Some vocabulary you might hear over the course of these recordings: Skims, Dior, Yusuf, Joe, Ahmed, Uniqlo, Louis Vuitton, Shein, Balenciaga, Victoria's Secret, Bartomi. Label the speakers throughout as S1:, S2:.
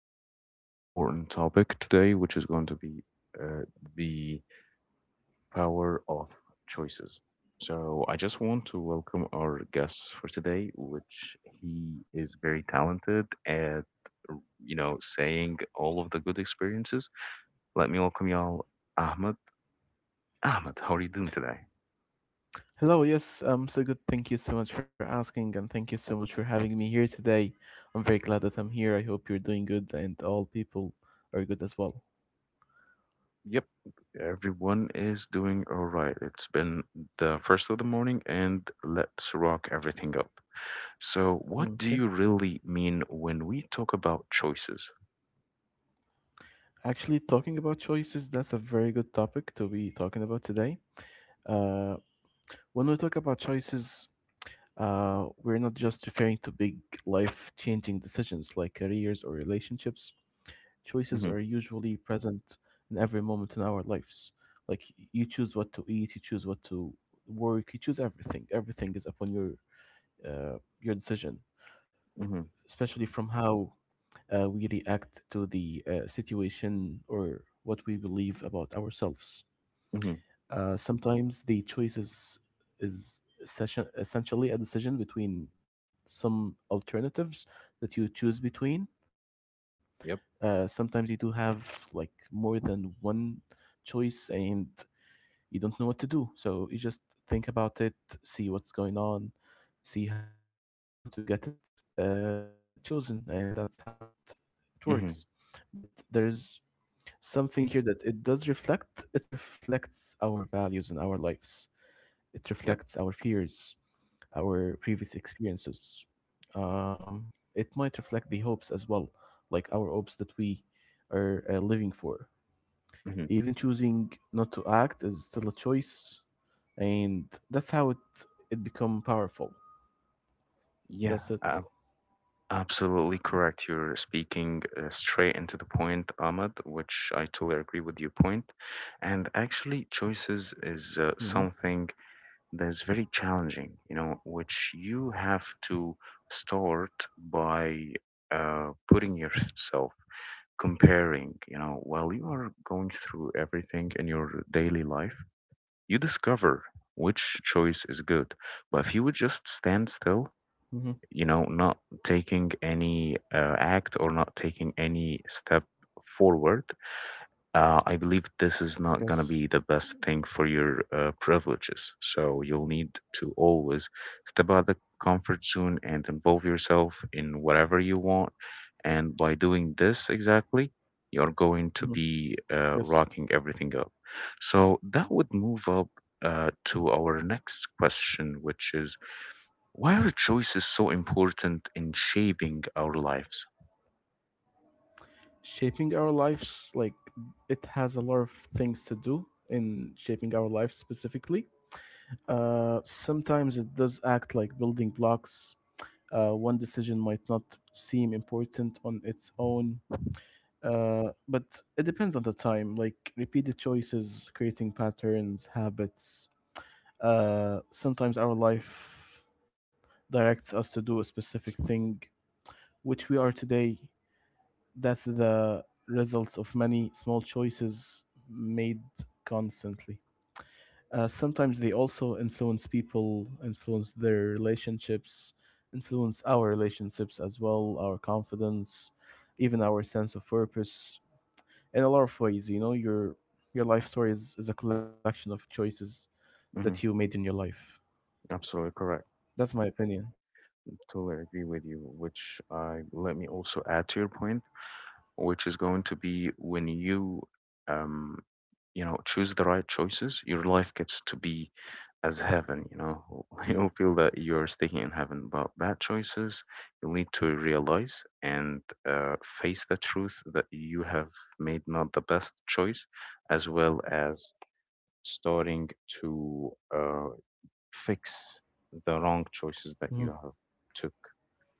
S1: on a very important topic today, which is going to be uh, the power of choices. So, I just want to welcome our guest for today, which he is very talented at, you know, saying all of the good experiences. Let me welcome y'all, Ahmed. Ahmed, how are you doing today?
S2: Hello, yes, I'm so good. Thank you so much for asking, and thank you so much for having me here today. I'm very glad that I'm here. I hope you're doing good, and all people are good as well.
S1: Yep, everyone is doing all right. It's been the first of the morning, and let's rock everything up. So, what do
S2: Okay.
S1: you really mean when we talk about choices?
S2: Actually, talking about choices, that's a very good topic to be talking about today. Uh, when we talk about choices, we're not just referring to big life changing decisions like careers or relationships. Choices
S1: Mm-hmm,
S2: are usually present in every moment in our lives. Like you choose what to eat, you choose what to work, you choose everything. Everything is upon your decision,
S1: mm-hmm,
S2: especially from how we react to the situation or what we believe about ourselves.
S1: mm-hmm,
S2: Sometimes the choices is session essentially a decision between some alternatives that you choose between.
S1: yep,
S2: Sometimes you do have like more than one choice and you don't know what to do. So you just think about it, see what's going on, see how to get it chosen, and that's how it works.
S1: mm-hmm,
S2: But there's something here that it does reflect, it reflects our values in our lives, it
S1: yep,
S2: reflects our fears, our previous experiences. Um, it might reflect the hopes as well, like our hopes that we are living for.
S1: mm-hmm.
S2: Even choosing not to act is still a choice, and that's how it become powerful.
S1: Yeah,
S2: That's it.
S1: ab- absolutely correct. You're speaking straight into the point, Ahmed, which I totally agree with your point. And actually, choices is
S2: Mm-hmm.
S1: something that's very challenging, you know, which you have to start by putting yourself, comparing, you know, while you are going through everything in your daily life, you discover which choice is good. But if you would just stand still,
S2: Mm-hmm.
S1: you know, not taking any act or not taking any step forward, I believe this is not going
S2: Yes.
S1: to be the best thing for your privileges. So you'll need to always step out of the comfort zone and involve yourself in whatever you want. And by doing this exactly, you're going to
S2: Mm-hmm.
S1: be
S2: Yes.
S1: rocking everything up. So that would move up to our next question, which is why are choices so important in shaping our lives?
S2: Shaping our lives, like it has a lot of things to do in shaping our lives specifically. Sometimes it does act like building blocks. One decision might not seem important on its own, but it depends on the time. Like repeated choices, creating patterns, habits. Sometimes our life directs us to do a specific thing, which we are today. That's the results of many small choices made constantly. Uh, sometimes they also influence people, influence their relationships, influence our relationships as well, our confidence, even our sense of purpose in a lot of ways. You know, your life story is a collection of choices that you
S1: Hmm.
S2: made in your life.
S1: Absolutely correct.
S2: That's my opinion.
S1: Totally agree with you. Which I let me also add to your point, which is going to be when you, um, you know, choose the right choices, your life gets to be as heaven, you know. You'll feel that you're staying in heaven, but bad choices you'll need to realize and face the truth that you have made not the best choice, as well as starting to uh, fix the wrong choices that
S2: Mhm.
S1: you have took,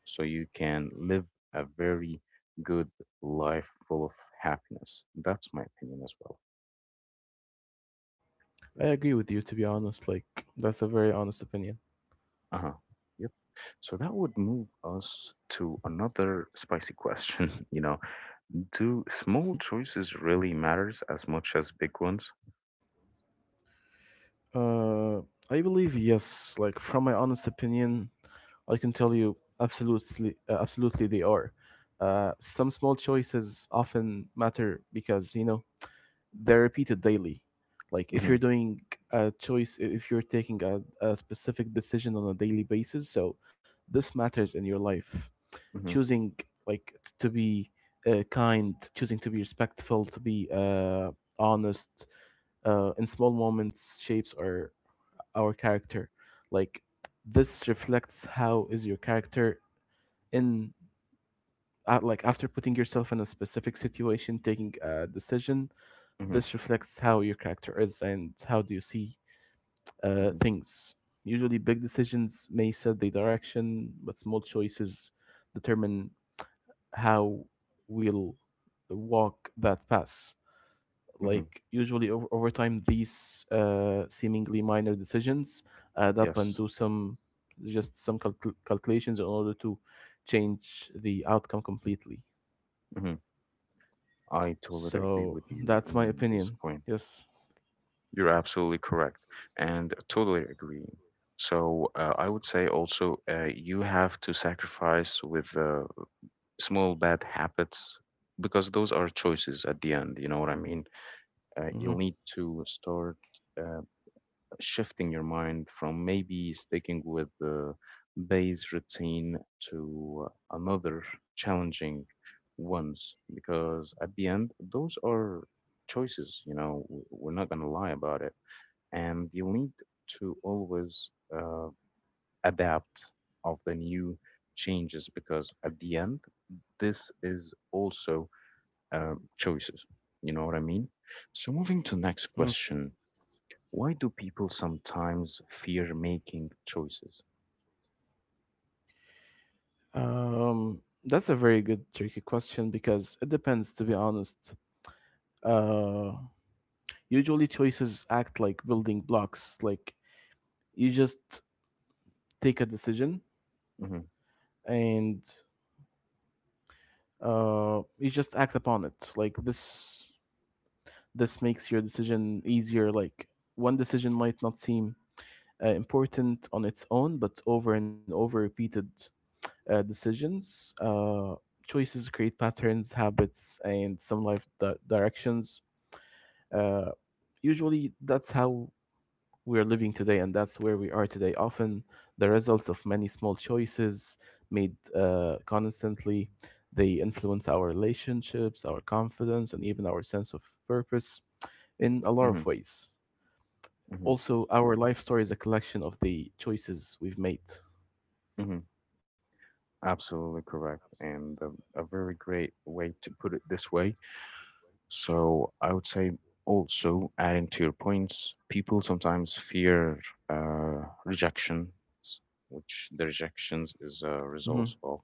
S1: so you can live a very good life full of happiness. That's my opinion as well.
S2: I agree with you, to be honest. Like, that's a very honest opinion.
S1: Uh huh. Yep. So that would move us to another spicy question. You know, do small choices really matters as much as big ones?
S2: Uh, I believe yes. Like from my honest opinion, I can tell you absolutely, absolutely they are. Some small choices often matter because you know they're repeated daily. Like if
S1: Mm-hmm,
S2: you're doing a choice, if you're taking a specific decision on a daily basis, so this matters in your life.
S1: mm-hmm,
S2: Choosing like to be kind, choosing to be respectful, to be honest, in small moments shapes our character, like this reflects how is your character in like after putting yourself in a specific situation taking a decision,
S1: mm-hmm,
S2: this reflects how your character is and how do you see
S1: mm-hmm,
S2: things. Usually big decisions may set the direction, but small choices determine how we'll walk that path.
S1: mm-hmm.
S2: Like usually over time these seemingly minor decisions add up and
S1: Yes,
S2: do some just some calculations in order to change the outcome completely.
S1: mm-hmm. I totally agree
S2: So
S1: with you
S2: that's my
S1: in this
S2: opinion.
S1: point.
S2: Yes.
S1: You're absolutely correct, and totally agreeing. So I would say also you have to sacrifice with small bad habits because those are choices at the end. You know what I mean?
S2: hmm
S1: You'll need to start. Uh, shifting your mind from maybe sticking with the base routine to another challenging ones because at the end those are choices, you know, we're not going to lie about it, and you need to always uh, adapt of the new changes because at the end this is also choices, you know what I mean. So moving to
S2: hmm
S1: next question, why do people sometimes fear making choices?
S2: um that's a very good tricky question because it depends, to be honest. Uh, usually choices act like building blocks. Like you just take a decision,
S1: Hmm.
S2: and you just act upon it. Like this makes your decision easier. Like one decision might not seem important on its own, but over and over repeated decisions choices create patterns, habits, and some life directions. Uh, usually that's how we are living today, and that's where we are today. Often, the results of many small choices made constantly. They influence our relationships, our confidence, and even our sense of purpose in a lot
S1: Hmm.
S2: of ways.
S1: Hmm.
S2: Also, our life story is a collection of the choices we've made.
S1: Hmm. Absolutely correct, and a very great way to put it this way. So I would say also adding to your points, people sometimes fear rejections, which the rejections is a
S2: hmm
S1: result of,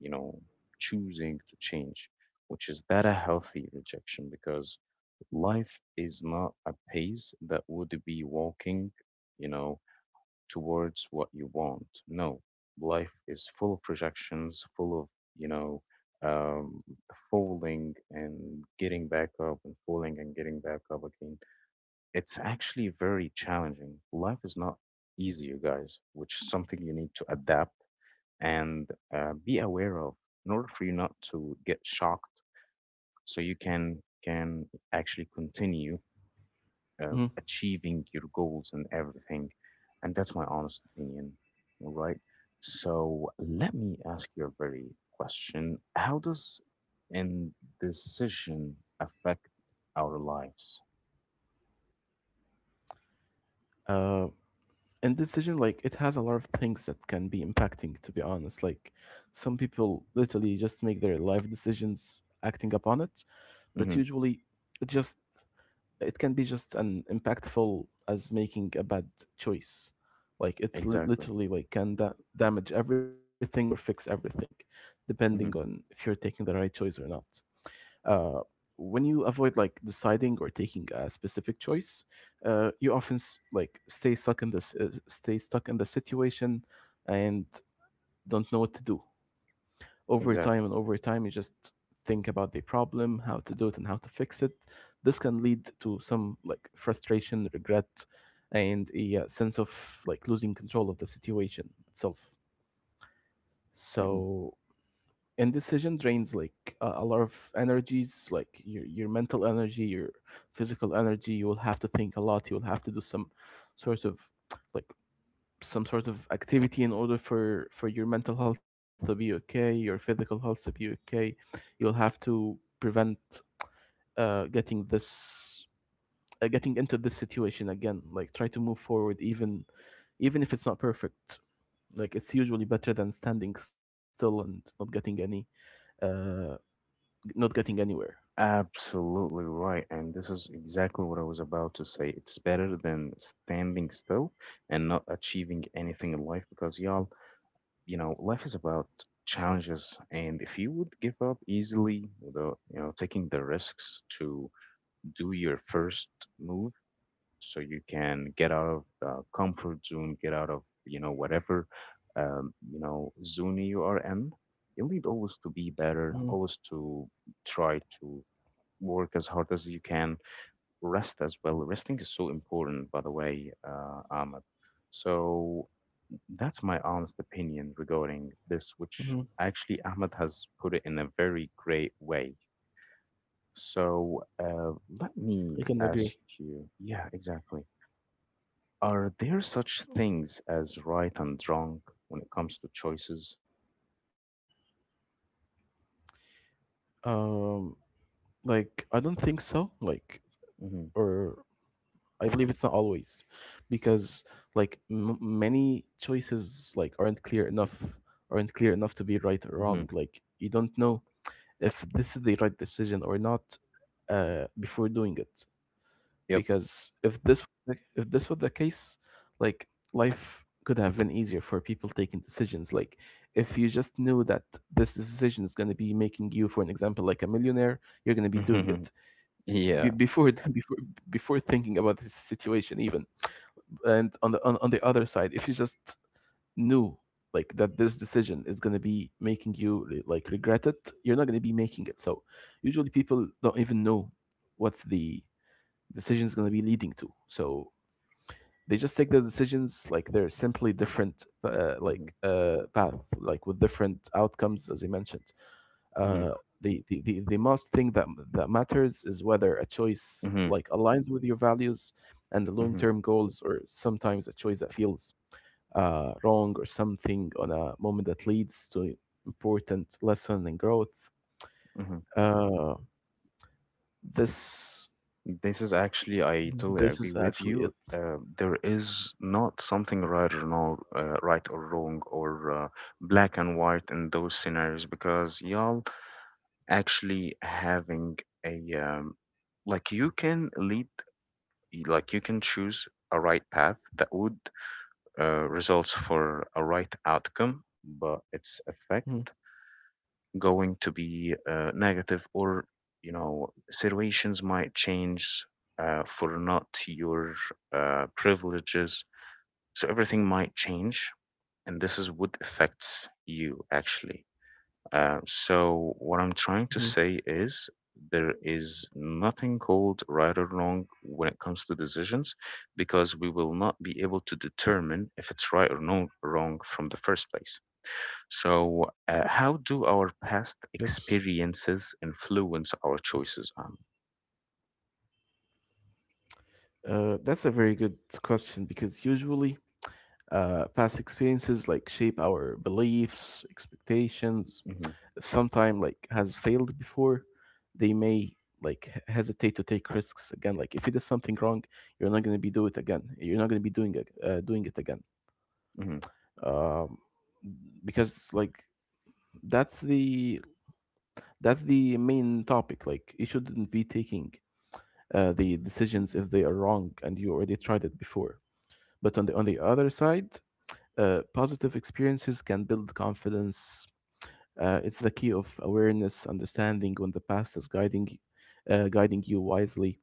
S1: you know, choosing to change, which is that a healthy rejection because life is not a pace that would be walking, you know, towards what you want. No, life is full of projections, full of, you know, um, falling and getting back up and falling and getting back up again. It's actually very challenging. Life is not easy, you guys, which is something you need to adapt and be aware of in order for you not to get shocked so you can actually continue
S2: hmm
S1: achieving your goals and everything. And that's my honest opinion. All right. So let me ask you a very question. How does indecision affect our lives?
S2: Uh, and decision, like, it has a lot of things that can be impacting, to be honest. Like, some people literally just make their life decisions acting upon it, but
S1: Hmm.
S2: usually it just it can be just an impactful as making a bad choice. Like it
S1: Exactly.
S2: literally like can damage everything or fix everything, depending on if
S1: Hmm.
S2: you're taking the right choice or not. Uh, when you avoid like deciding or taking a specific choice, you often like stay stuck in this stay stuck in the situation and don't know what to do. Over
S1: Exactly.
S2: time and over time you just think about the problem, how to do it and how to fix it. This can lead to some like frustration, regret, and a sense of like losing control of the situation itself.
S1: Hmm.
S2: So indecision drains like a lot of energies, like your mental energy, your physical energy. You will have to think a lot, you will have to do some sort of like some sort of activity in order for your mental health to be okay, your physical health to be okay. You'll have to prevent getting this getting into this situation again. Like try to move forward, even even if it's not perfect, like it's usually better than standing still and not getting any uh not getting anywhere.
S1: Absolutely right. And this is exactly what I was about to say. It's better than standing still and not achieving anything in life because, y'all, you know, life is about challenges, and if you would give up easily without, you know, taking the risks to do your first move so you can get out of the comfort zone, get out of, you know, whatever, you know, zone you are in, you'll need always to be better, always to try to work as hard as you can, rest as well. Resting is so important, by the way, Ahmed. So that's my honest opinion regarding this, which actually
S2: Mm-hmm.
S1: Ahmed has put it in a very great way. So let me ask
S2: I can
S1: you,
S2: agree.
S1: yeah, exactly. Are there such things as right and wrong when it comes to choices?
S2: Um, like I don't think so, like,
S1: Mm-hmm,
S2: or I believe it's not always, because like many choices like aren't clear enough, aren't clear enough to be right or wrong.
S1: mm-hmm,
S2: Like you don't know if this is the right decision or not before doing it.
S1: yep.
S2: Because if this, if this was the case, like life could have been easier for people taking decisions. Like if you just knew that this decision is going to be making you, for an example, like a millionaire, you're going to be doing it
S1: Yeah.
S2: before before before thinking about this situation even. And on the on the other side, if you just knew like that this decision is going to be making you like regret it, you're not going to be making it. So usually people don't even know what's the decision is going to be leading to. So they just take the decisions, like they're simply different like
S1: Mm-hmm,
S2: path like with different outcomes as I mentioned.
S1: mm-hmm,
S2: Uh, the most thing that, that matters is whether a choice
S1: mm-hmm,
S2: like aligns with your values and the
S1: mm-hmm,
S2: long-term goals, or sometimes a choice that feels wrong or something on a moment that leads to important lesson and growth.
S1: mm-hmm.
S2: Uh, this
S1: This is actually, I totally
S2: this
S1: agree
S2: is
S1: with
S2: actually it.
S1: you. There is not something right or no, right or wrong or black and white in those scenarios because y'all actually having a like you can lead, like you can choose a right path that would results for a right outcome, but its
S2: Mm,
S1: effect going to be negative or, you know, situations might change for not your privileges, so everything might change, and this is what affects you actually. So what
S2: mm,
S1: I'm trying to say is there is nothing called right or wrong when it comes to decisions because we will not be able to determine if it's right or no wrong from the first place. So, how do our past
S2: yes,
S1: experiences influence our choices?
S2: that's a very good question because usually past experiences like shape our beliefs, expectations.
S1: Mhm,
S2: If sometime like has failed before, they may like hesitate to take risks again. Like if you did something wrong, you're not going to be do it again. You're not going to be doing it again.
S1: mhm.
S2: um, because like that's the that's the main topic, like you shouldn't be taking the decisions if they are wrong and you already tried it before. But on the other side, positive experiences can build confidence. Uh, it's the key of awareness, understanding when the past is guiding you wisely,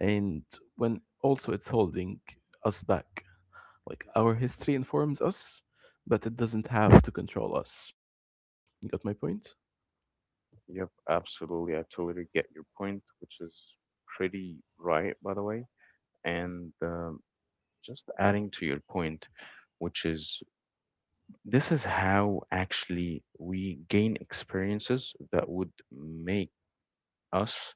S2: and when also it's holding us back. Like our history informs us, but it doesn't have to control us. You got my point?
S1: Yep, absolutely. I totally get your point, which is pretty right, by the way. And just adding to your point, which is this is how actually we gain experiences that would make us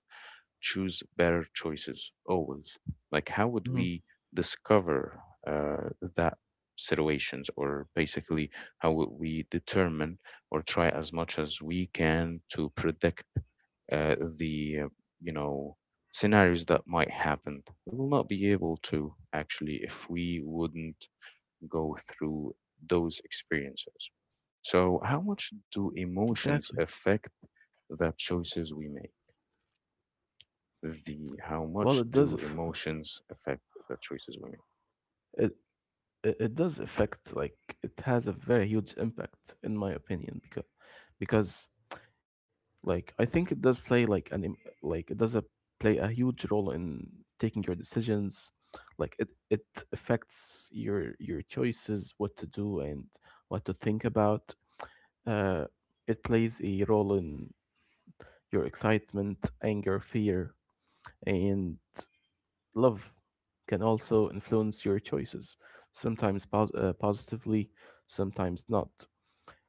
S1: choose better choices always? Like, how would
S2: hmm
S1: we discover uh, that situations, or basically, how would we determine or try as much as we can to predict the you know scenarios that might happen? We will not be able to actually if we wouldn't go through those experiences. So, how much do
S2: Exactly.
S1: emotions affect the choices we make? The how
S2: Well,
S1: much
S2: it does.
S1: do
S2: aff-
S1: emotions affect the choices we make?
S2: it, it does affect. Like it has a very huge impact, in my opinion, because like I think it does play like like it does play a huge role in taking your decisions. Like it affects your choices, what to do and what to think about. Uh, it plays a role in your excitement, anger, fear, and love, can also influence your choices, sometimes positively, sometimes not.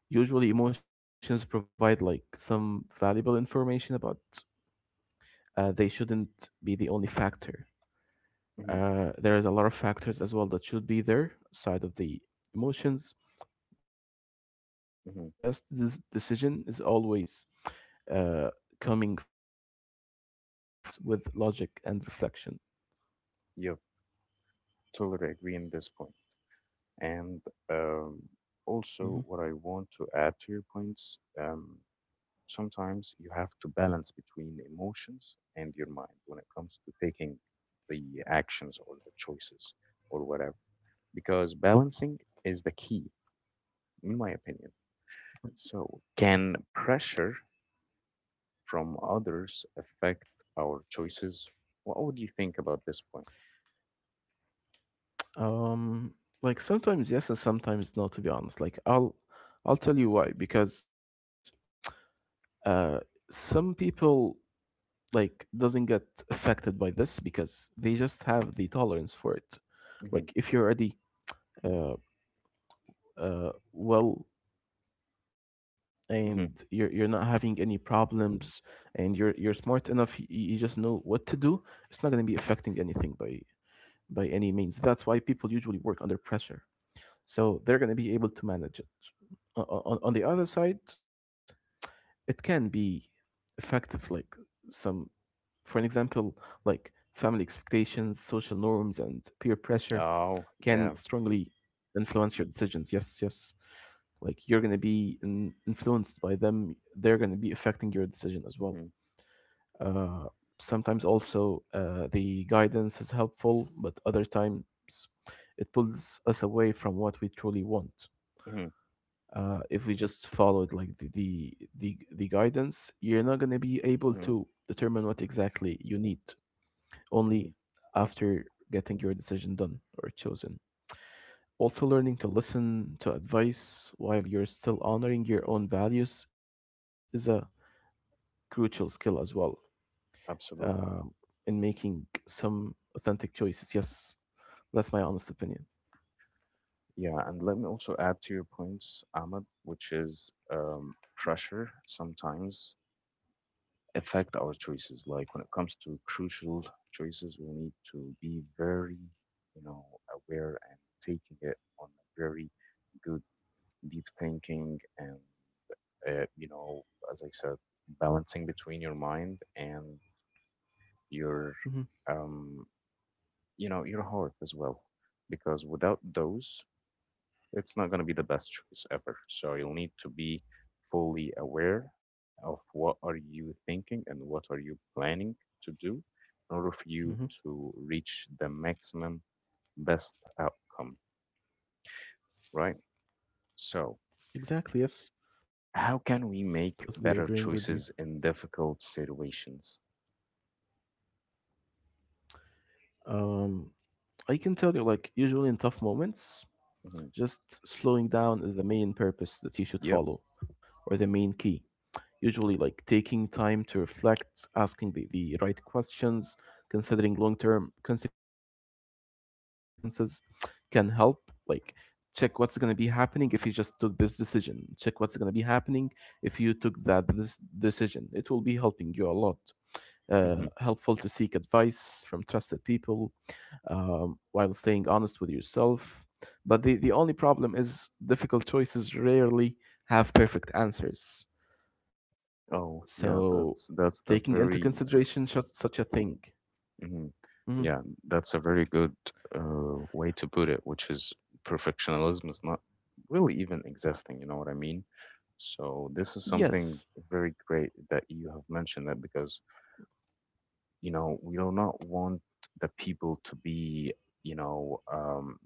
S2: Usually emotions provide like some valuable information about, they shouldn't be the only factor.
S1: Mm-hmm,
S2: There is a lot of factors as well that should be there, side of the emotions, but the,
S1: mm-hmm.
S2: the best decision is always uh, coming from balancing emotions with logic and reflection.
S1: Yep, totally agree on this point. And um, also, what I
S2: Mhm.
S1: want to add to your points, sometimes you have to balance between emotions and your mind when it comes to taking the actions or the choices or whatever, because balancing is the key, in my opinion. So, can pressure from others affect our choices? What would you think about this point?
S2: Um, like sometimes yes and sometimes no. To be honest, like I'll tell you why, because uh, some people like doesn't get affected by this because they just have the tolerance for it.
S1: Hmm.
S2: Like, if you're already uh, well,
S1: Hmm.
S2: and you're not having any problems, and you're smart enough, you just know what to do, it's not going to be affecting anything by any means. That's why people usually work under pressure, so they're going to be able to manage it. On the other side, it can be effective, like some. For an example, like, family expectations, social norms, and peer pressure
S1: Oh,
S2: can
S1: yeah.
S2: strongly influence your decisions. Yes, yes, like, you're going to be influenced by them. They're going to be affecting your decision as well.
S1: Hmm.
S2: uh, Sometimes also the guidance is helpful, but other times it pulls us away from what we truly want.
S1: Hmm.
S2: If we just followed, like, the guidance, you're not going to be able to
S1: Hmm.
S2: determine what exactly you need
S1: Hmm.
S2: only after getting your decision done or chosen. Also, learning to listen to advice while you're still honoring your own values is a crucial skill as well, um,
S1: Absolutely.
S2: in making some authentic choices. Yes, that's my honest opinion.
S1: Yeah, and let me also add to your points, Ahmed, which is pressure sometimes affect our choices. Like when it comes to crucial choices, we need to be very, you know, aware and taking it on a very good deep thinking and you know as I said balancing between your mind and your
S2: Hmm.
S1: um you know your heart as well because without those it's not going to be the best choice ever, so you'll need to be fully aware of what are you thinking and what are you planning to do in order for you
S2: Hmm.
S1: to reach the maximum best outcome, right? So
S2: Exactly. Yes.
S1: how can we
S2: Totally
S1: make
S2: agreeing with
S1: better
S2: you.
S1: choices in difficult situations?
S2: Um, I can tell you, like, usually in tough moments,
S1: Hmm.
S2: just slowing down is the main purpose that you should
S1: Yep.
S2: follow, or the main key. Usually, like, taking time to reflect, asking the right questions, considering long term consequences can help. Like, check what's going to be happening if you just took this decision, check what's going to be happening if you took that this decision. It will be helping you a lot.
S1: Hmm.
S2: Helpful to seek advice from trusted people, while staying honest with yourself. But the only problem is difficult choices rarely have perfect answers.
S1: Oh, yeah.
S2: So,
S1: That's the
S2: taking into
S1: very.
S2: consideration such a thing.
S1: Hmm. Yeah,
S2: Mhm.
S1: that's a very good way to put it, which is perfectionism is not really even existing. You know what I mean? So this is something very
S2: Yes,
S1: great that you have mentioned that because you know we do not want the people to be, you know,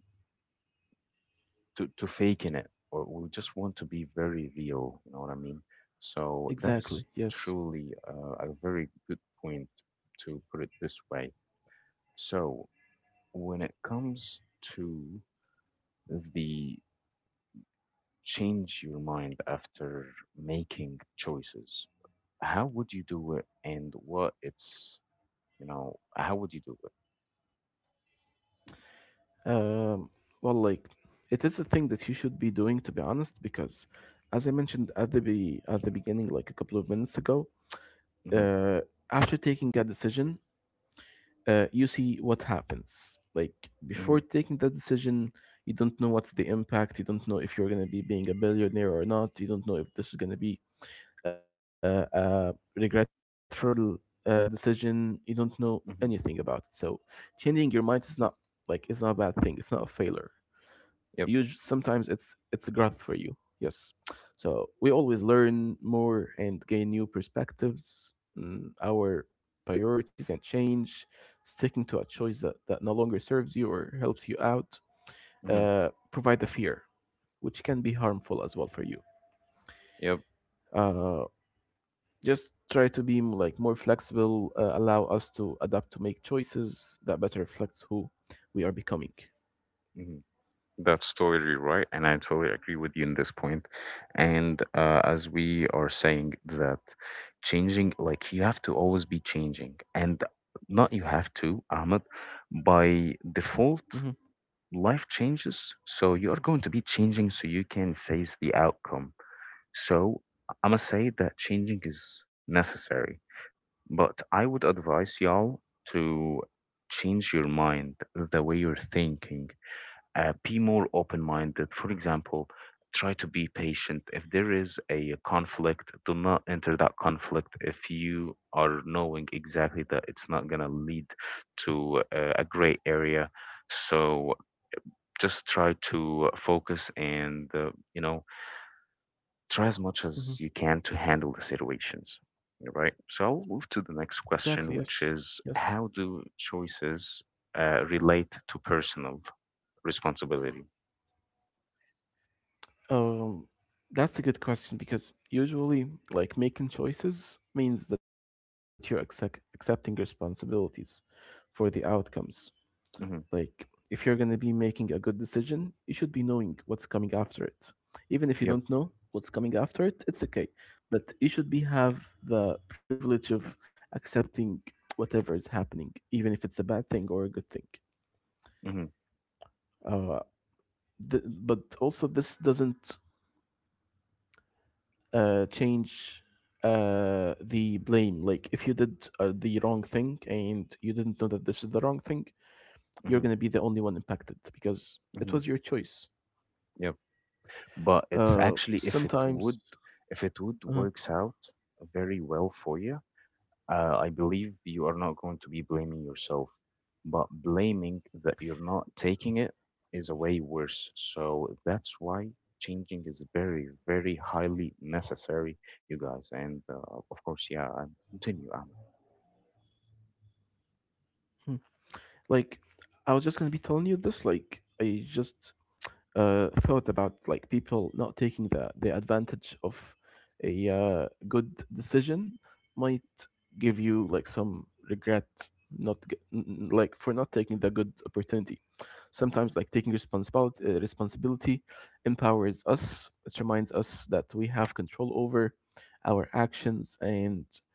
S1: to faking it, or we just want to be very real, you know what I mean. So that's
S2: exactly. Yes.
S1: truly a very good point to put it this way. So when it comes to the change your mind after making choices, how would you do it and what it's, you know, how would you do it?
S2: Um, well, like, it is a thing that you should be doing, to be honest, because as I mentioned at the at the beginning, like, a couple of minutes ago,
S1: Mm-hmm,
S2: uh, after taking a decision, you see what happens. Like,
S1: mm-hmm,
S2: before taking that decision, you don't know what's the impact. You don't know if you're gonna be being a billionaire or not. You don't know if this is gonna be regretful decision. You don't know anything about it,
S1: mm-hmm,
S2: so changing your mind is not, like, it's not a bad thing, it's not a failure.
S1: yep,
S2: Sometimes it's growth for you. Yes. So we always learn more and gain new perspectives. Our priorities can change. Sticking to a choice that no longer serves you or helps you out
S1: mm-hmm,
S2: provide the fear, which can be harmful as well for you.
S1: yep,
S2: uh, just try to be like more flexible, allow us to adapt, to make choices that better reflects who we are becoming.
S1: mhm. That's totally right, and I totally agree with you in this point. And as we are saying that changing, like you have to always be changing, and not you have to, Ahmed. By default,
S2: Hmm.
S1: life changes, so you are going to be changing, so you can face the outcome. So I must say that changing is necessary, but I would advise y'all to change your mind, the way you're thinking, be more open-minded. For example, try to be patient. If there is a conflict, do not enter that conflict if you are knowing exactly that it's not going to lead to a gray area. So just try to focus and you know try as much
S2: Hmm.
S1: as you can to handle the situations. Right. So I'll move to the next
S2: Exactly. Yes.
S1: question, which
S2: Yes.
S1: is how do choices relate to personal responsibility?
S2: um that's a good question because usually, like, making choices means that you're accepting responsibilities for the outcomes. Like,
S1: Hmm.
S2: if you're going to be making a good decision, you should be knowing what's coming after it. Even if you don't
S1: Yep.
S2: know what's coming after it, it's okay. But you should be have the privilege of accepting whatever is happening, even if it's a bad thing or a good thing.
S1: Mhm,
S2: Uh, but also, this doesn't change the blame. Like, if you did the wrong thing and you didn't know that this is the wrong thing,
S1: mhm,
S2: you're going to be the only one impacted
S1: mhm.
S2: because it was your choice.
S1: Yep. But it's actually if it
S2: Uh,
S1: would if it
S2: sometimes,
S1: would works out
S2: uh,
S1: very well for you, I believe you are not going to be blaming yourself. But blaming that you're not taking it is a way worse. So that's why changing is very, very highly necessary, you guys. And of course, yeah, and continue, Ahmed.
S2: hmm, like, I was just gonna be telling you this. Like, I just thought about, like, people not taking the advantage of a good decision might give you, like, some regret, not g- n- n- like, for not taking the good opportunity. Sometimes, like, taking responsibility empowers us. It reminds us that we have control over our actions, and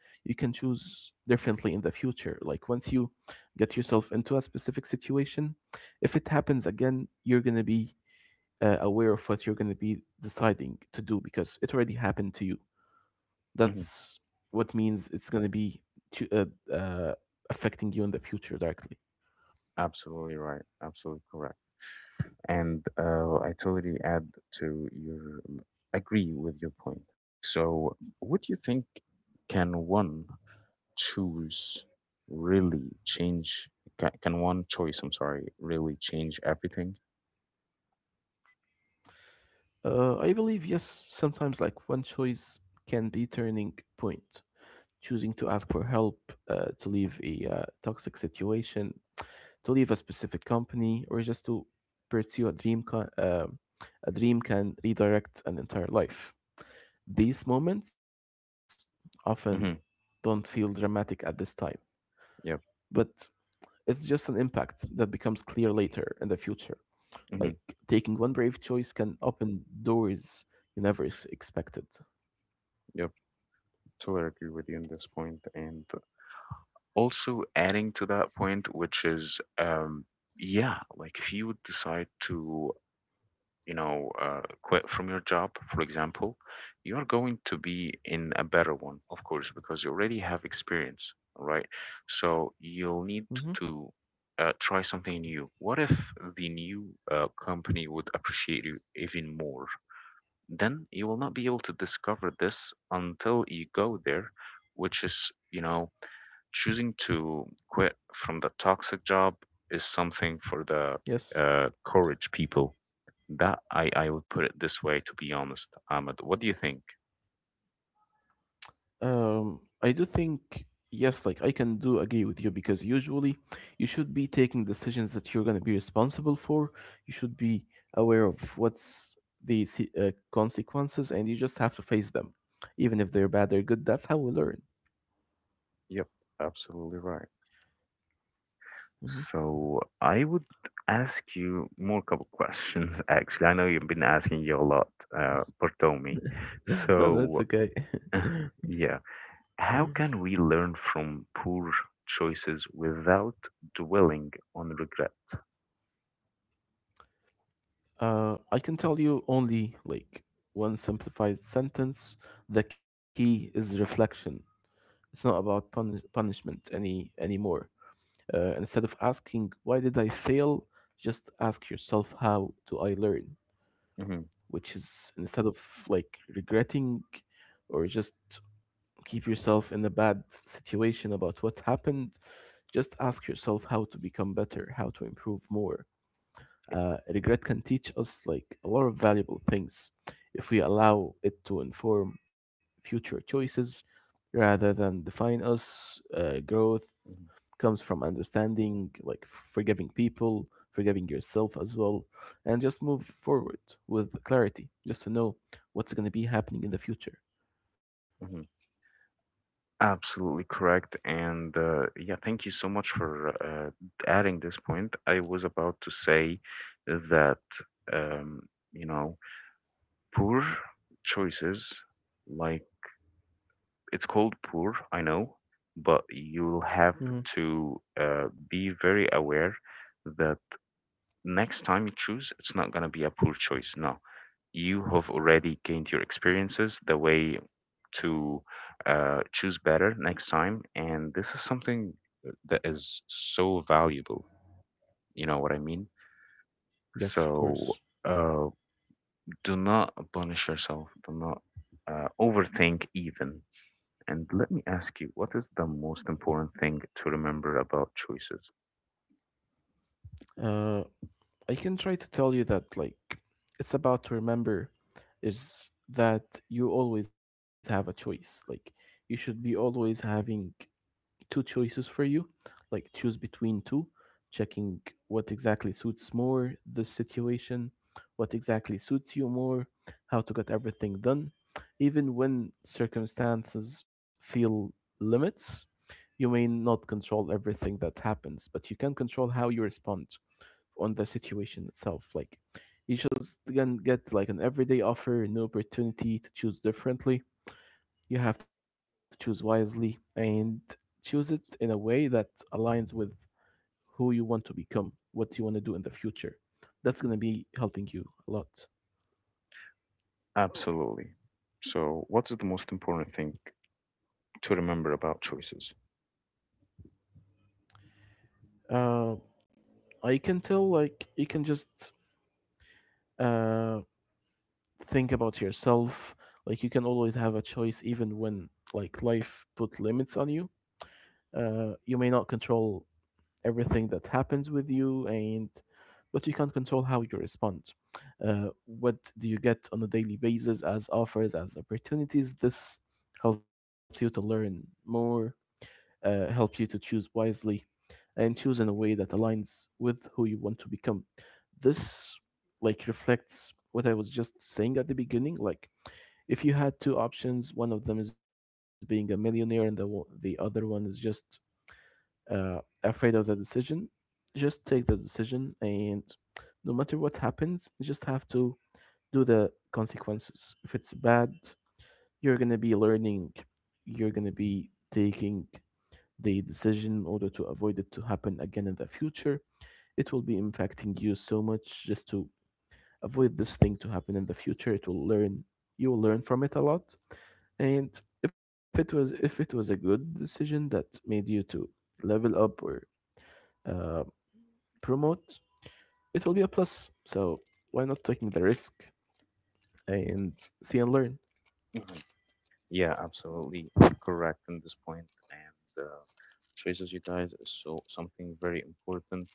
S2: you can choose differently in the future. Like, once you get yourself into a specific situation, if it happens again, you're gonna be aware of what you're gonna be deciding to do because it already happened to you.
S1: Hmm.
S2: That's what means it's gonna be to, uh, uh, affecting you in the future directly.
S1: Absolutely right. Absolutely correct. And I totally add to your agree with your point. So, what do you think can one choose really change? Can one choice, I'm sorry, really change everything?
S2: I believe yes, sometimes, like, one choice can be turning point. Choosing to ask for help, to leave a toxic situation, to leave a specific company, or just to pursue a dream, a dream can redirect an entire life. These moments often
S1: Mm-hmm.
S2: don't feel dramatic at this time, but
S1: Yep.
S2: it's just an impact that becomes clear later in the future. Like,
S1: Mm-hmm.
S2: taking one brave choice can open doors you never expected.
S1: Yep. Totally agree with you on this point. And also adding to that point, which is, yeah, like if you would decide to quit from your job, for example, you are going to be in a better one, of course, because you already have experience, right? So you'll need
S2: Hmm.
S1: to try something new. What if the new company would appreciate you even more? Then you will not be able to discover this until you go there, which is, you know, choosing to quit from the toxic job is something for the
S2: Yes.
S1: courage people, that I would put it this way, to be honest, Ahmed. What do you think?
S2: I do think, yes, like, I can do agree with you because usually you should be taking decisions that you're going to be responsible for. You should be aware of what's the consequences, and you just have to face them. Even if they're bad, they're good. That's how we learn.
S1: Yep, absolutely right.
S2: Mhm.
S1: So I would ask you more couple questions actually. I know you've been asking you a lot, Bartomi.
S2: No, no, it's
S1: So
S2: okay.
S1: yeah, how can we learn from poor choices without dwelling on regret?
S2: I can tell you only, like, one simplified sentence. The key is reflection. It's not about punishment anymore. Instead of asking, why did I fail? Just ask yourself, how do I learn?
S1: Hmm.
S2: Which is, instead of, like, regretting or just keep yourself in a bad situation about what happened, just ask yourself how to become better, how to improve more. Regret can teach us, like, a lot of valuable things if we allow it to inform future choices rather than define us. Growth comes from understanding, like, forgiving people, forgiving yourself as well, and just move forward with clarity, just to know what's going to be happening in the future.
S1: Absolutely correct. And yeah, thank you so much for adding this point. I was about to say that, um, you know, poor choices, like it's called poor, I know, but you'll have
S2: Hmm.
S1: to be very aware that next time you choose, it's not going to be a poor choice. No, you have already gained your experiences, the way to choose better next time. And this is something that is so valuable. You know what I mean?
S2: Yes, of course.
S1: So uh, do not punish yourself, do not overthink, even. And let me ask you, what is the most important thing to remember about choices?
S2: Uh, I can try to tell you that, like, it's about to remember is that you always have a choice. Like, you should be always having two choices for you. Like, choose between two, checking what exactly suits more the situation, what exactly suits you more, how to get everything done. Even when circumstances feel limits, you may not control everything that happens, but you can control how you respond on the situation itself. Like, you just can get, like, an everyday offer, an opportunity to choose differently. You have to choose wisely and choose it in a way that aligns with who you want to become, what you want to do in the future. That's going to be helping you a lot.
S1: Absolutely. So, what is the most important thing to remember about choices?
S2: Uh, I can tell, like, you can just uh, think about yourself. Like, you can always have a choice even when, like, life put limits on you. You may not control everything that happens with you, and but you can't control how you respond, what do you get on a daily basis as offers, as opportunities. This helps you to learn more, helps you to choose wisely and choose in a way that aligns with who you want to become. This, like, reflects what I was just saying at the beginning. Like, if you had two options, one of them is being a millionaire, and the other one is just afraid of the decision, just take the decision, and no matter what happens, you just have to do the consequences. If it's bad, you're gonna be learning, you're gonna be taking the decision in order to avoid it to happen again in the future. It will be impacting you so much just to avoid this thing to happen in the future. It will learn You will learn from it a lot. And if it was a good decision that made you to level up or uh, promote, it will be a plus. So why not taking the risk and see and learn?
S1: Mhm. Yeah, absolutely correct in this point. And choices, you guys, is so something very important.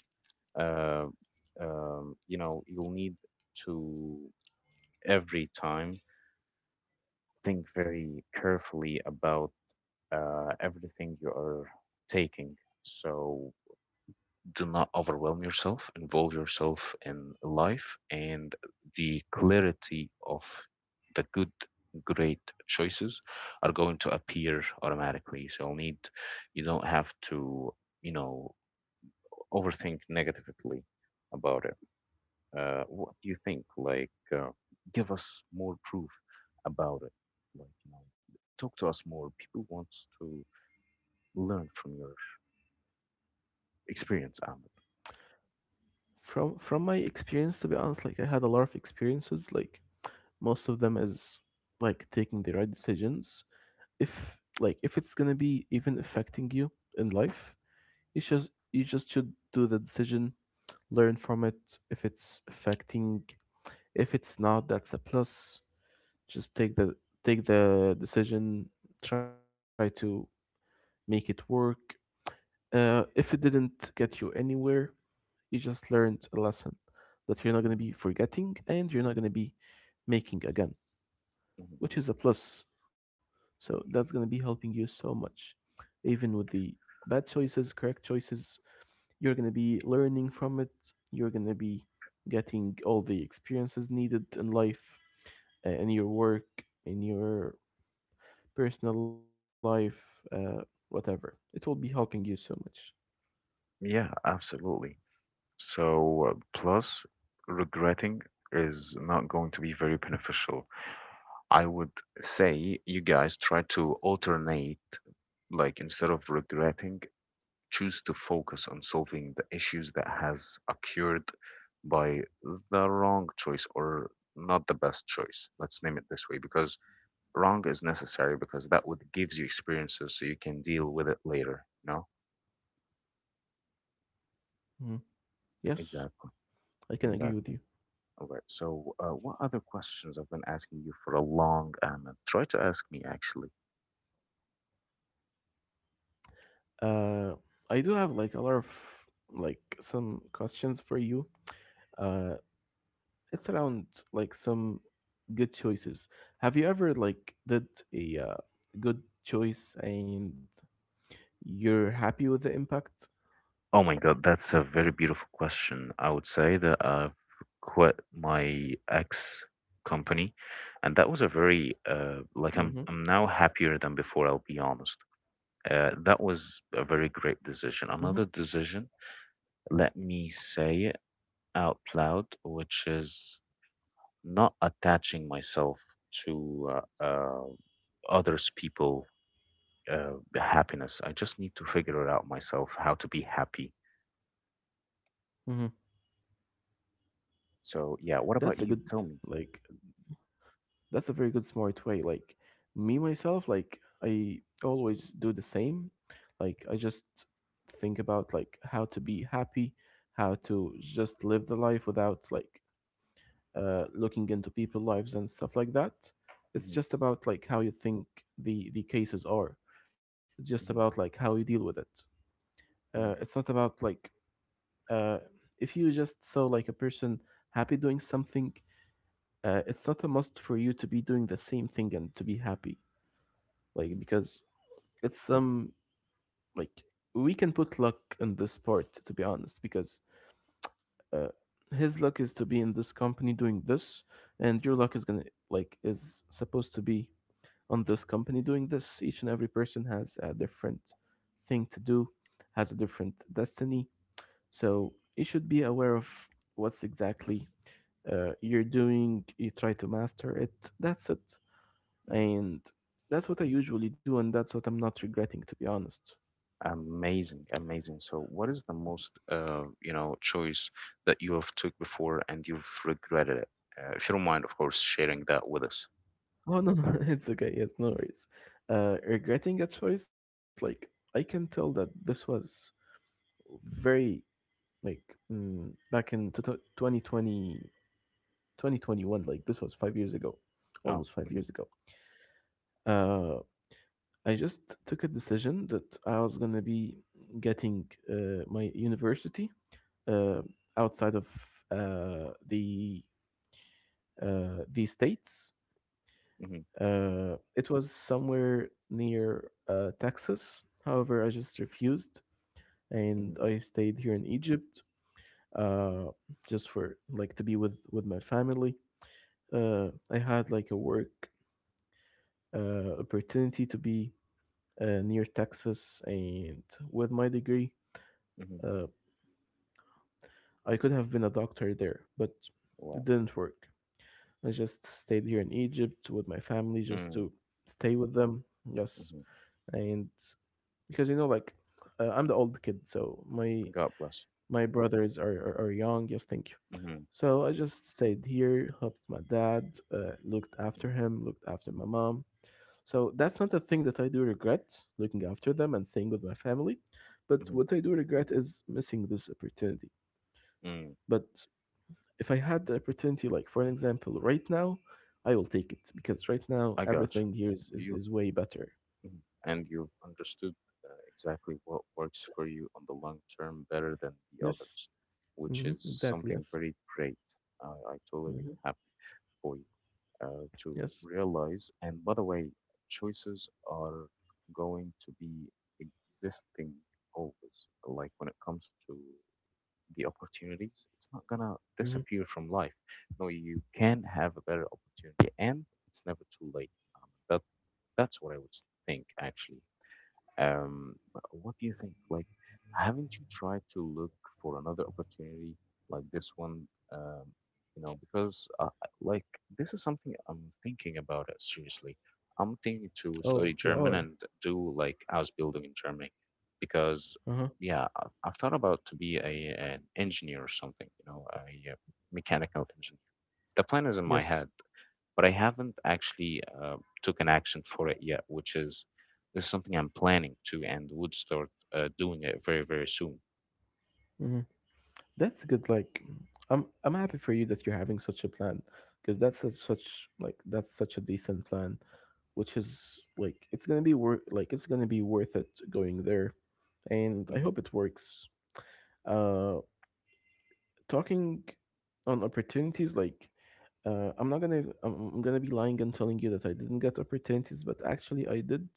S1: Uh, you know, you'll need to every time think very carefully about everything you are taking. So do not overwhelm yourself, involve yourself in life, and the clarity of the good great choices are going to appear automatically. So you don't have to, you know, overthink negatively about it. What do you think? Like, give us more proof about it. Like, you know, talk to us more. People want to learn from your experience, Ahmed.
S2: From my experience, to be honest, like, I had a lot of experiences. Like, most of them is, like, taking the right decisions. If, like, if it's gonna be even affecting you in life, you just should do the decision, learn from it. If it's affecting, if it's not, that's a plus. Just take the decision, try to make it work. If it didn't get you anywhere, you just learned a lesson that you're not going to be
S1: Hmm.
S2: forgetting and you're not going to be making again,
S1: Hmm.
S2: which is a plus. So that's going to be helping you so much. Even with the bad choices, correct choices, you're going to be learning from it. You're going to be getting all the experiences needed in life, in your work, in your personal life, uh, whatever. It will be helping you so much.
S1: Yeah, absolutely. So, plus, regretting is not going to be very beneficial. I would say, you guys, try to alternate, like instead of regretting, choose to focus on solving the issues that has occurred by the wrong choice or not the best choice. Let's name it this way because wrong is necessary, because that would gives you experiences so you can deal with it later. No?
S2: Mhm. Yes,
S1: Exactly.
S2: I can agree with you.
S1: Exactly. All right. So, what other questions I've been asking you for a long time? And try to ask me, actually.
S2: Uh, I do have, like, a lot of, like, some questions for you. Uh, it's around, like, some good choices. Have you ever, like, did a good choice and you're happy with the impact?
S1: Oh my God, that's a very beautiful question. I would say that I've quit my ex company, and that was a very like
S2: Mm-hmm.
S1: I'm now happier than before. I'll be honest. That was a very
S2: Mm-hmm.
S1: great decision. Another decision, let me say it out loud, which is not attaching myself to uh, uh, others people uh, happiness. I just need to figure it out myself how to be happy.
S2: Mm-hmm.
S1: So yeah, what
S2: That's
S1: about
S2: a good
S1: you? Tell me.
S2: like that's a very good smart way. Like, me myself, like, I always do the same. Like I just think about like how to be happy, how to just live the life without like looking into people lives and stuff like that. It's
S1: Mhm,
S2: just about like how you think. The cases are, it's just about
S1: mhm,
S2: like how you deal with it. It's
S1: mhm,
S2: not about like, uh, if you just saw like a person happy doing something, it's not a must for you to be doing the same thing and to be happy, like
S1: mhm,
S2: because it's some, like, we can put luck in this part to be honest because, uh, his luck is to be in this company doing this, and your luck is gonna, like, is supposed to be on this company doing this. Each and every person has a different thing to do, has a different destiny. So you should be aware of what's exactly you're doing. You try to master it. That's it.
S1: mhm.
S2: And that's what I usually do, and that's what I'm not regretting, to be honest.
S1: Amazing, amazing. So, what is the most, you know, choice that you have took before and you've regretted it? If you don't mind, of course, sharing that with us.
S2: Oh no, no, it's okay. Yes, no worries. Regretting a choice, like, I can tell that this was very, like, back in 2020 2021, like this was 5 years ago,
S1: Oh,
S2: almost five
S1: mhm,
S2: years ago. uh I just took a decision that I was going to be getting my university uh, outside of uh, the the states.
S1: mhm,
S2: It was somewhere near, Texas. However, I just refused and
S1: mhm,
S2: I stayed here in Egypt, uh, just for, like, to be with my family. I had, like, a work opportunity to be near Texas, and with my degree,
S1: mhm.
S2: uh, I could have been a doctor there, but it
S1: Wow.
S2: didn't work. I just stayed here in Egypt with my family just
S1: Mm,
S2: to stay with them. Yes,
S1: mhm.
S2: and because, you know, like, I'm the old kid, so my
S1: God bless.
S2: my brothers are, are young. Yes, thank you.
S1: Mm-hmm,
S2: So I just stayed here, helped my dad, looked after
S1: mm-hmm,
S2: him, looked after my mom. So that's not a thing that I do regret, looking after them and staying with my family. But
S1: mm-hmm.
S2: what I do regret is missing this opportunity.
S1: Mm.
S2: But if I had the opportunity, like for an example, right now, I will take it because right now
S1: I got
S2: everything here is,
S1: you.
S2: is way better.
S1: Mhm. And you've understood exactly what works for you on the long term better than the
S2: Yes.
S1: others, which
S2: Hmm,
S1: is
S2: exactly.
S1: something
S2: Yes.
S1: very great. I totally
S2: Hmm.
S1: happy for you to
S2: Yes.
S1: realize. And by the way, choices are going to be existing always. Like when it comes to the opportunities, it's not gonna
S2: Hmm.
S1: disappear from life. No, you can have a better opportunity, and it's never too late. That that's what I would think, actually. Um, what do you think? Like, haven't you tried to look for another opportunity like this one? Um, you know, because like this is something I'm thinking about it seriously. I'm thinking to study
S2: Oh, you
S1: German
S2: are.
S1: and do like house building in Germany, because
S2: Uh huh.
S1: yeah, I've thought about to be a an engineer or something. You know, a, uh mechanical engineer. The plan is in my head,
S2: Yes.
S1: but I haven't actually took an action for it yet, which is this is something I'm planning to and would start doing it very, very soon.
S2: Hmm. That's good. Like, I'm happy for you that you're having such a plan because that's a, such like, that's such a decent plan, which is, like, it's gonna be worth, like, it's gonna be worth it going there, and I
S1: Hmm.
S2: hope it works. Uh, Talking on opportunities, like, I'm not gonna I'm gonna be lying and telling you that I didn't get opportunities, but actually I did,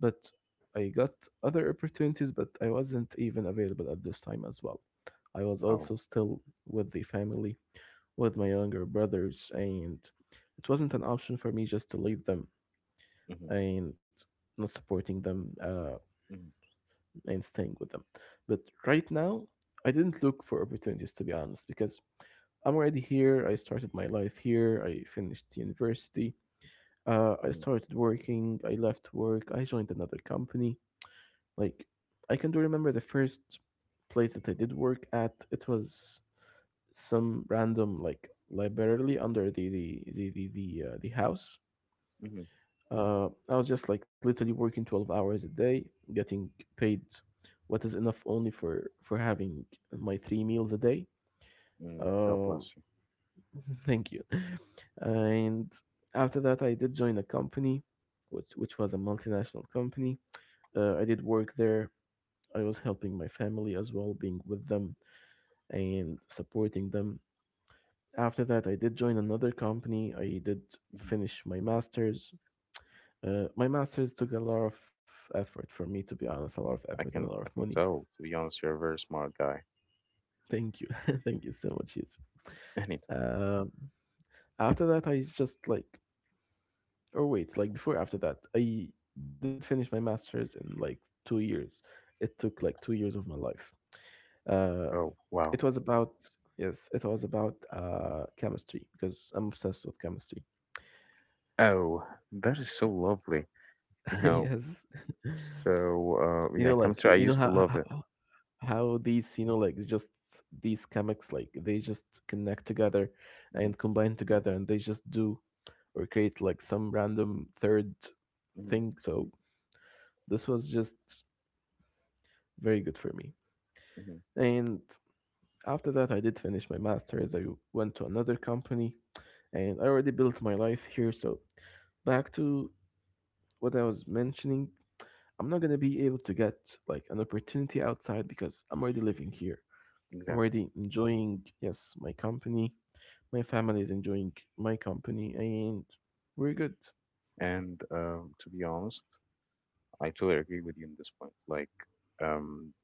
S2: but I got other opportunities, but I wasn't even available at this time as well. I was
S1: Oh,
S2: also still with the family, with my younger brothers, and it wasn't an option for me just to leave them,
S1: hmm.
S2: and not supporting them
S1: Hmm.
S2: and staying with them. But right now, I didn't look for opportunities, to be honest, because I'm already here. I started my life here. I finished university. I
S1: Hmm.
S2: started working. I left work. I joined another company. Like, I can do remember the first place that I did work at. It was some random, like, library under the house.
S1: Hmm.
S2: I was just like literally working 12 hours a day, getting paid what is enough only for having my three meals a day.
S1: Mm. God
S2: Um,
S1: bless you.
S2: thank you. And after that, I did join a company, which was a multinational company. I did work there. I was helping my family as well, being with them and supporting them. After that, I did join another company. I did
S1: Hmm.
S2: finish my master's. My master's took a lot of effort for me, to be honest, a lot of effort
S1: I
S2: and a lot
S1: can
S2: of
S1: I
S2: money.
S1: can tell. To be honest, you're a very smart guy.
S2: Thank you. Thank you so much, Yusuf.
S1: Anytime.
S2: Um, after that, I just like, or wait, like, before after that, I did finish my master's in like 2 years. It took like 2 years of my life. Uh,
S1: Oh wow.
S2: it was about, yes, it was about chemistry because I'm obsessed with chemistry.
S1: Oh, that is so lovely. You know.
S2: Yes.
S1: So
S2: You
S1: yeah,
S2: know, like,
S1: chemistry. I
S2: you know
S1: used to
S2: how,
S1: love it.
S2: how these, you know, like, just these comics, like, they just connect together
S1: Hmm.
S2: and combine together and they just do, or create like some random third
S1: Hmm.
S2: thing. So this was just very good for me.
S1: Hmm.
S2: And after that, I did finish my master's. I went to another company, and I already built my life here. So back to what I was mentioning, I'm not going to be able to get like an opportunity outside because I'm already living here. I'm
S1: Exactly.
S2: already enjoying, yes, my company. My family is enjoying my company, and we're good.
S1: And to be honest. I totally agree with you in this point. Like, um,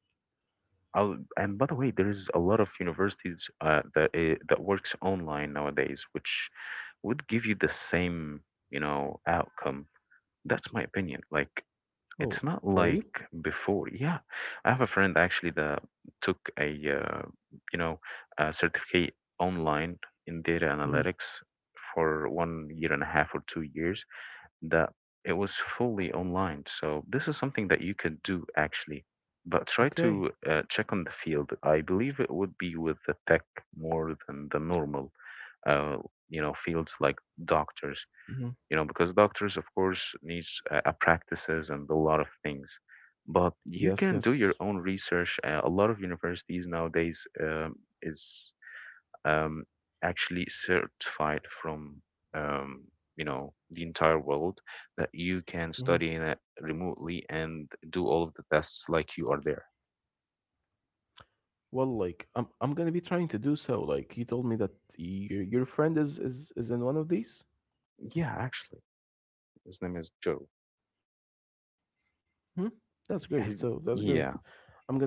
S1: I'll, and by the way, there is a lot of universities that works online nowadays, which would give you the same, you know, outcome. That's my opinion. Like, it's
S2: Oh,
S1: not
S2: for real?
S1: like before. Yeah, I have a friend actually that took a, uh, you know, a certificate online in data
S2: Hmm.
S1: analytics for 1 year and a half or 2 years, that it was fully online. So this is something that you could do actually, but try
S2: Okay.
S1: to check on the field. I believe it would be with the tech more than the normal, uh, you know, fields like doctors.
S2: Hmm.
S1: You know, because doctors, of course, needs practices and a lot of things. But you
S2: Yes,
S1: can do
S2: yes.
S1: your own research. A lot of universities nowadays is um, actually certified from um, you know, the entire world, that you can
S2: Hmm.
S1: study in it remotely and do all of the tests like you are there.
S2: Well, like, I'm gonna be trying to do so. Like you told me that your friend is is in one of these.
S1: Yeah, actually, his name is Joe.
S2: Hmm. That's great. So that's
S1: His
S2: great.
S1: yeah,
S2: I'm gonna be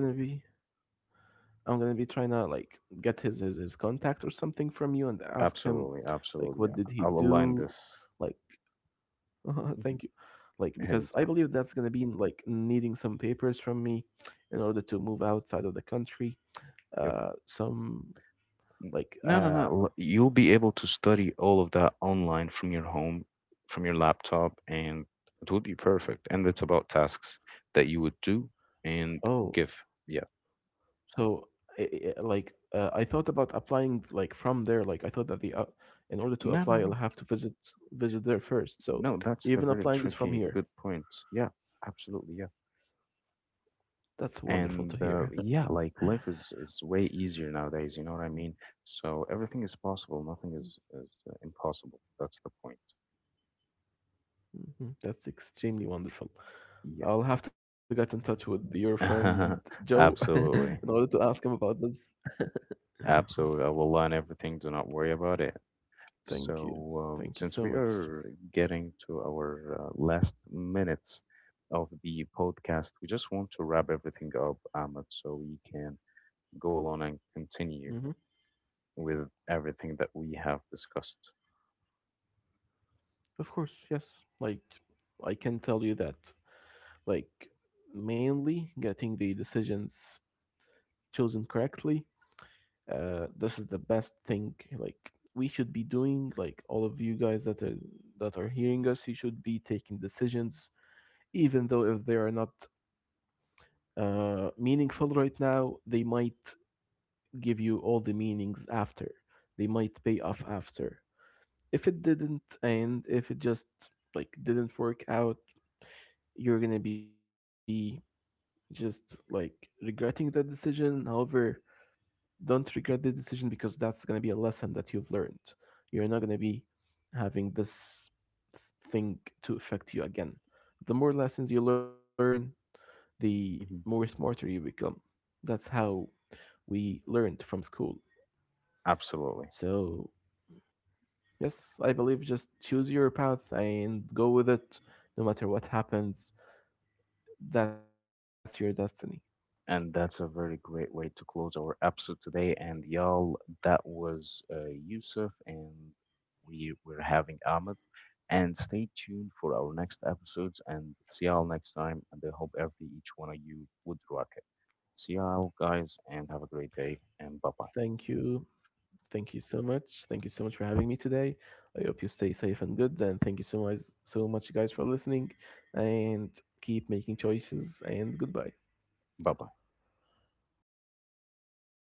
S2: I'm gonna be trying to, like, get his contact or something from you and ask him,
S1: absolutely,
S2: like,
S1: absolutely.
S2: what
S1: Yeah,
S2: did he
S1: I'll align
S2: do?
S1: this.
S2: Like,
S1: Mhm.
S2: thank you. Like, because I
S1: Anytime.
S2: believe that's gonna be like needing some papers from me in order to move outside of the country.
S1: Yep.
S2: Some
S1: N-
S2: like
S1: No, no, no. l- You'll be able to study all of that online from your home, from your laptop, and it will be perfect. And it's about tasks that you would do and
S2: oh,
S1: give. Yeah.
S2: so I like, I thought about applying like from there. Like I thought that the, in order to
S1: No,
S2: apply,
S1: no,
S2: I'll
S1: no.
S2: have to visit there first. So
S1: No, that's the
S2: even
S1: very
S2: applying is from
S1: tricky,
S2: here.
S1: good point. Yeah, absolutely. Yeah.
S2: That's wonderful
S1: And
S2: to hear.
S1: yeah, like life is way easier nowadays, you know what I mean? So everything is possible. Nothing is is impossible. That's the point.
S2: Mhm, that's extremely wonderful. I'll have to get in touch with your friend
S1: Yeah.
S2: Joe in order to
S1: Absolutely.
S2: ask him about this.
S1: Absolutely. I will learn everything. Do not worry about it.
S2: Thank
S1: So,
S2: you. Thank you
S1: since
S2: so
S1: we
S2: much.
S1: are getting to our last minutes of the podcast, we just want to wrap everything up, Ahmed, so we can go along and
S2: Hmm.
S1: continue with everything that we have discussed.
S2: Of course, yes. Like, I can tell you that, like, mainly getting the decisions chosen correctly, this is the best thing, like, we should be doing. Like, all of you guys that are hearing us, you should be taking decisions, even though if they are not meaningful right now, they might give you all the meanings after. They might pay off after. If it didn't, and if it just like didn't work out, you're gonna be just like regretting that decision. However, don't regret the decision because that's gonna be a lesson that you've learned. You're not gonna be having this thing to affect you again. The more lessons you learn, the more
S1: Hmm.
S2: smarter you become. That's how we learned from school.
S1: Absolutely.
S2: So, yes, I believe just choose your path and go with it no matter what happens. That's your destiny.
S1: And that's a very great way to close our episode today. And y'all, that was Yusuf, and we were having Ahmed. And stay tuned for our next episodes. And see y'all next time. And I hope every each one of you would rock it. See y'all, guys, and have a great day. And bye bye.
S2: Thank you. Thank you so much. Thank you so much for having me today. I hope you stay safe and good. And thank you so much, so much, guys, for listening. And keep making choices. And goodbye.
S1: Bye bye.
S2: Bye bye.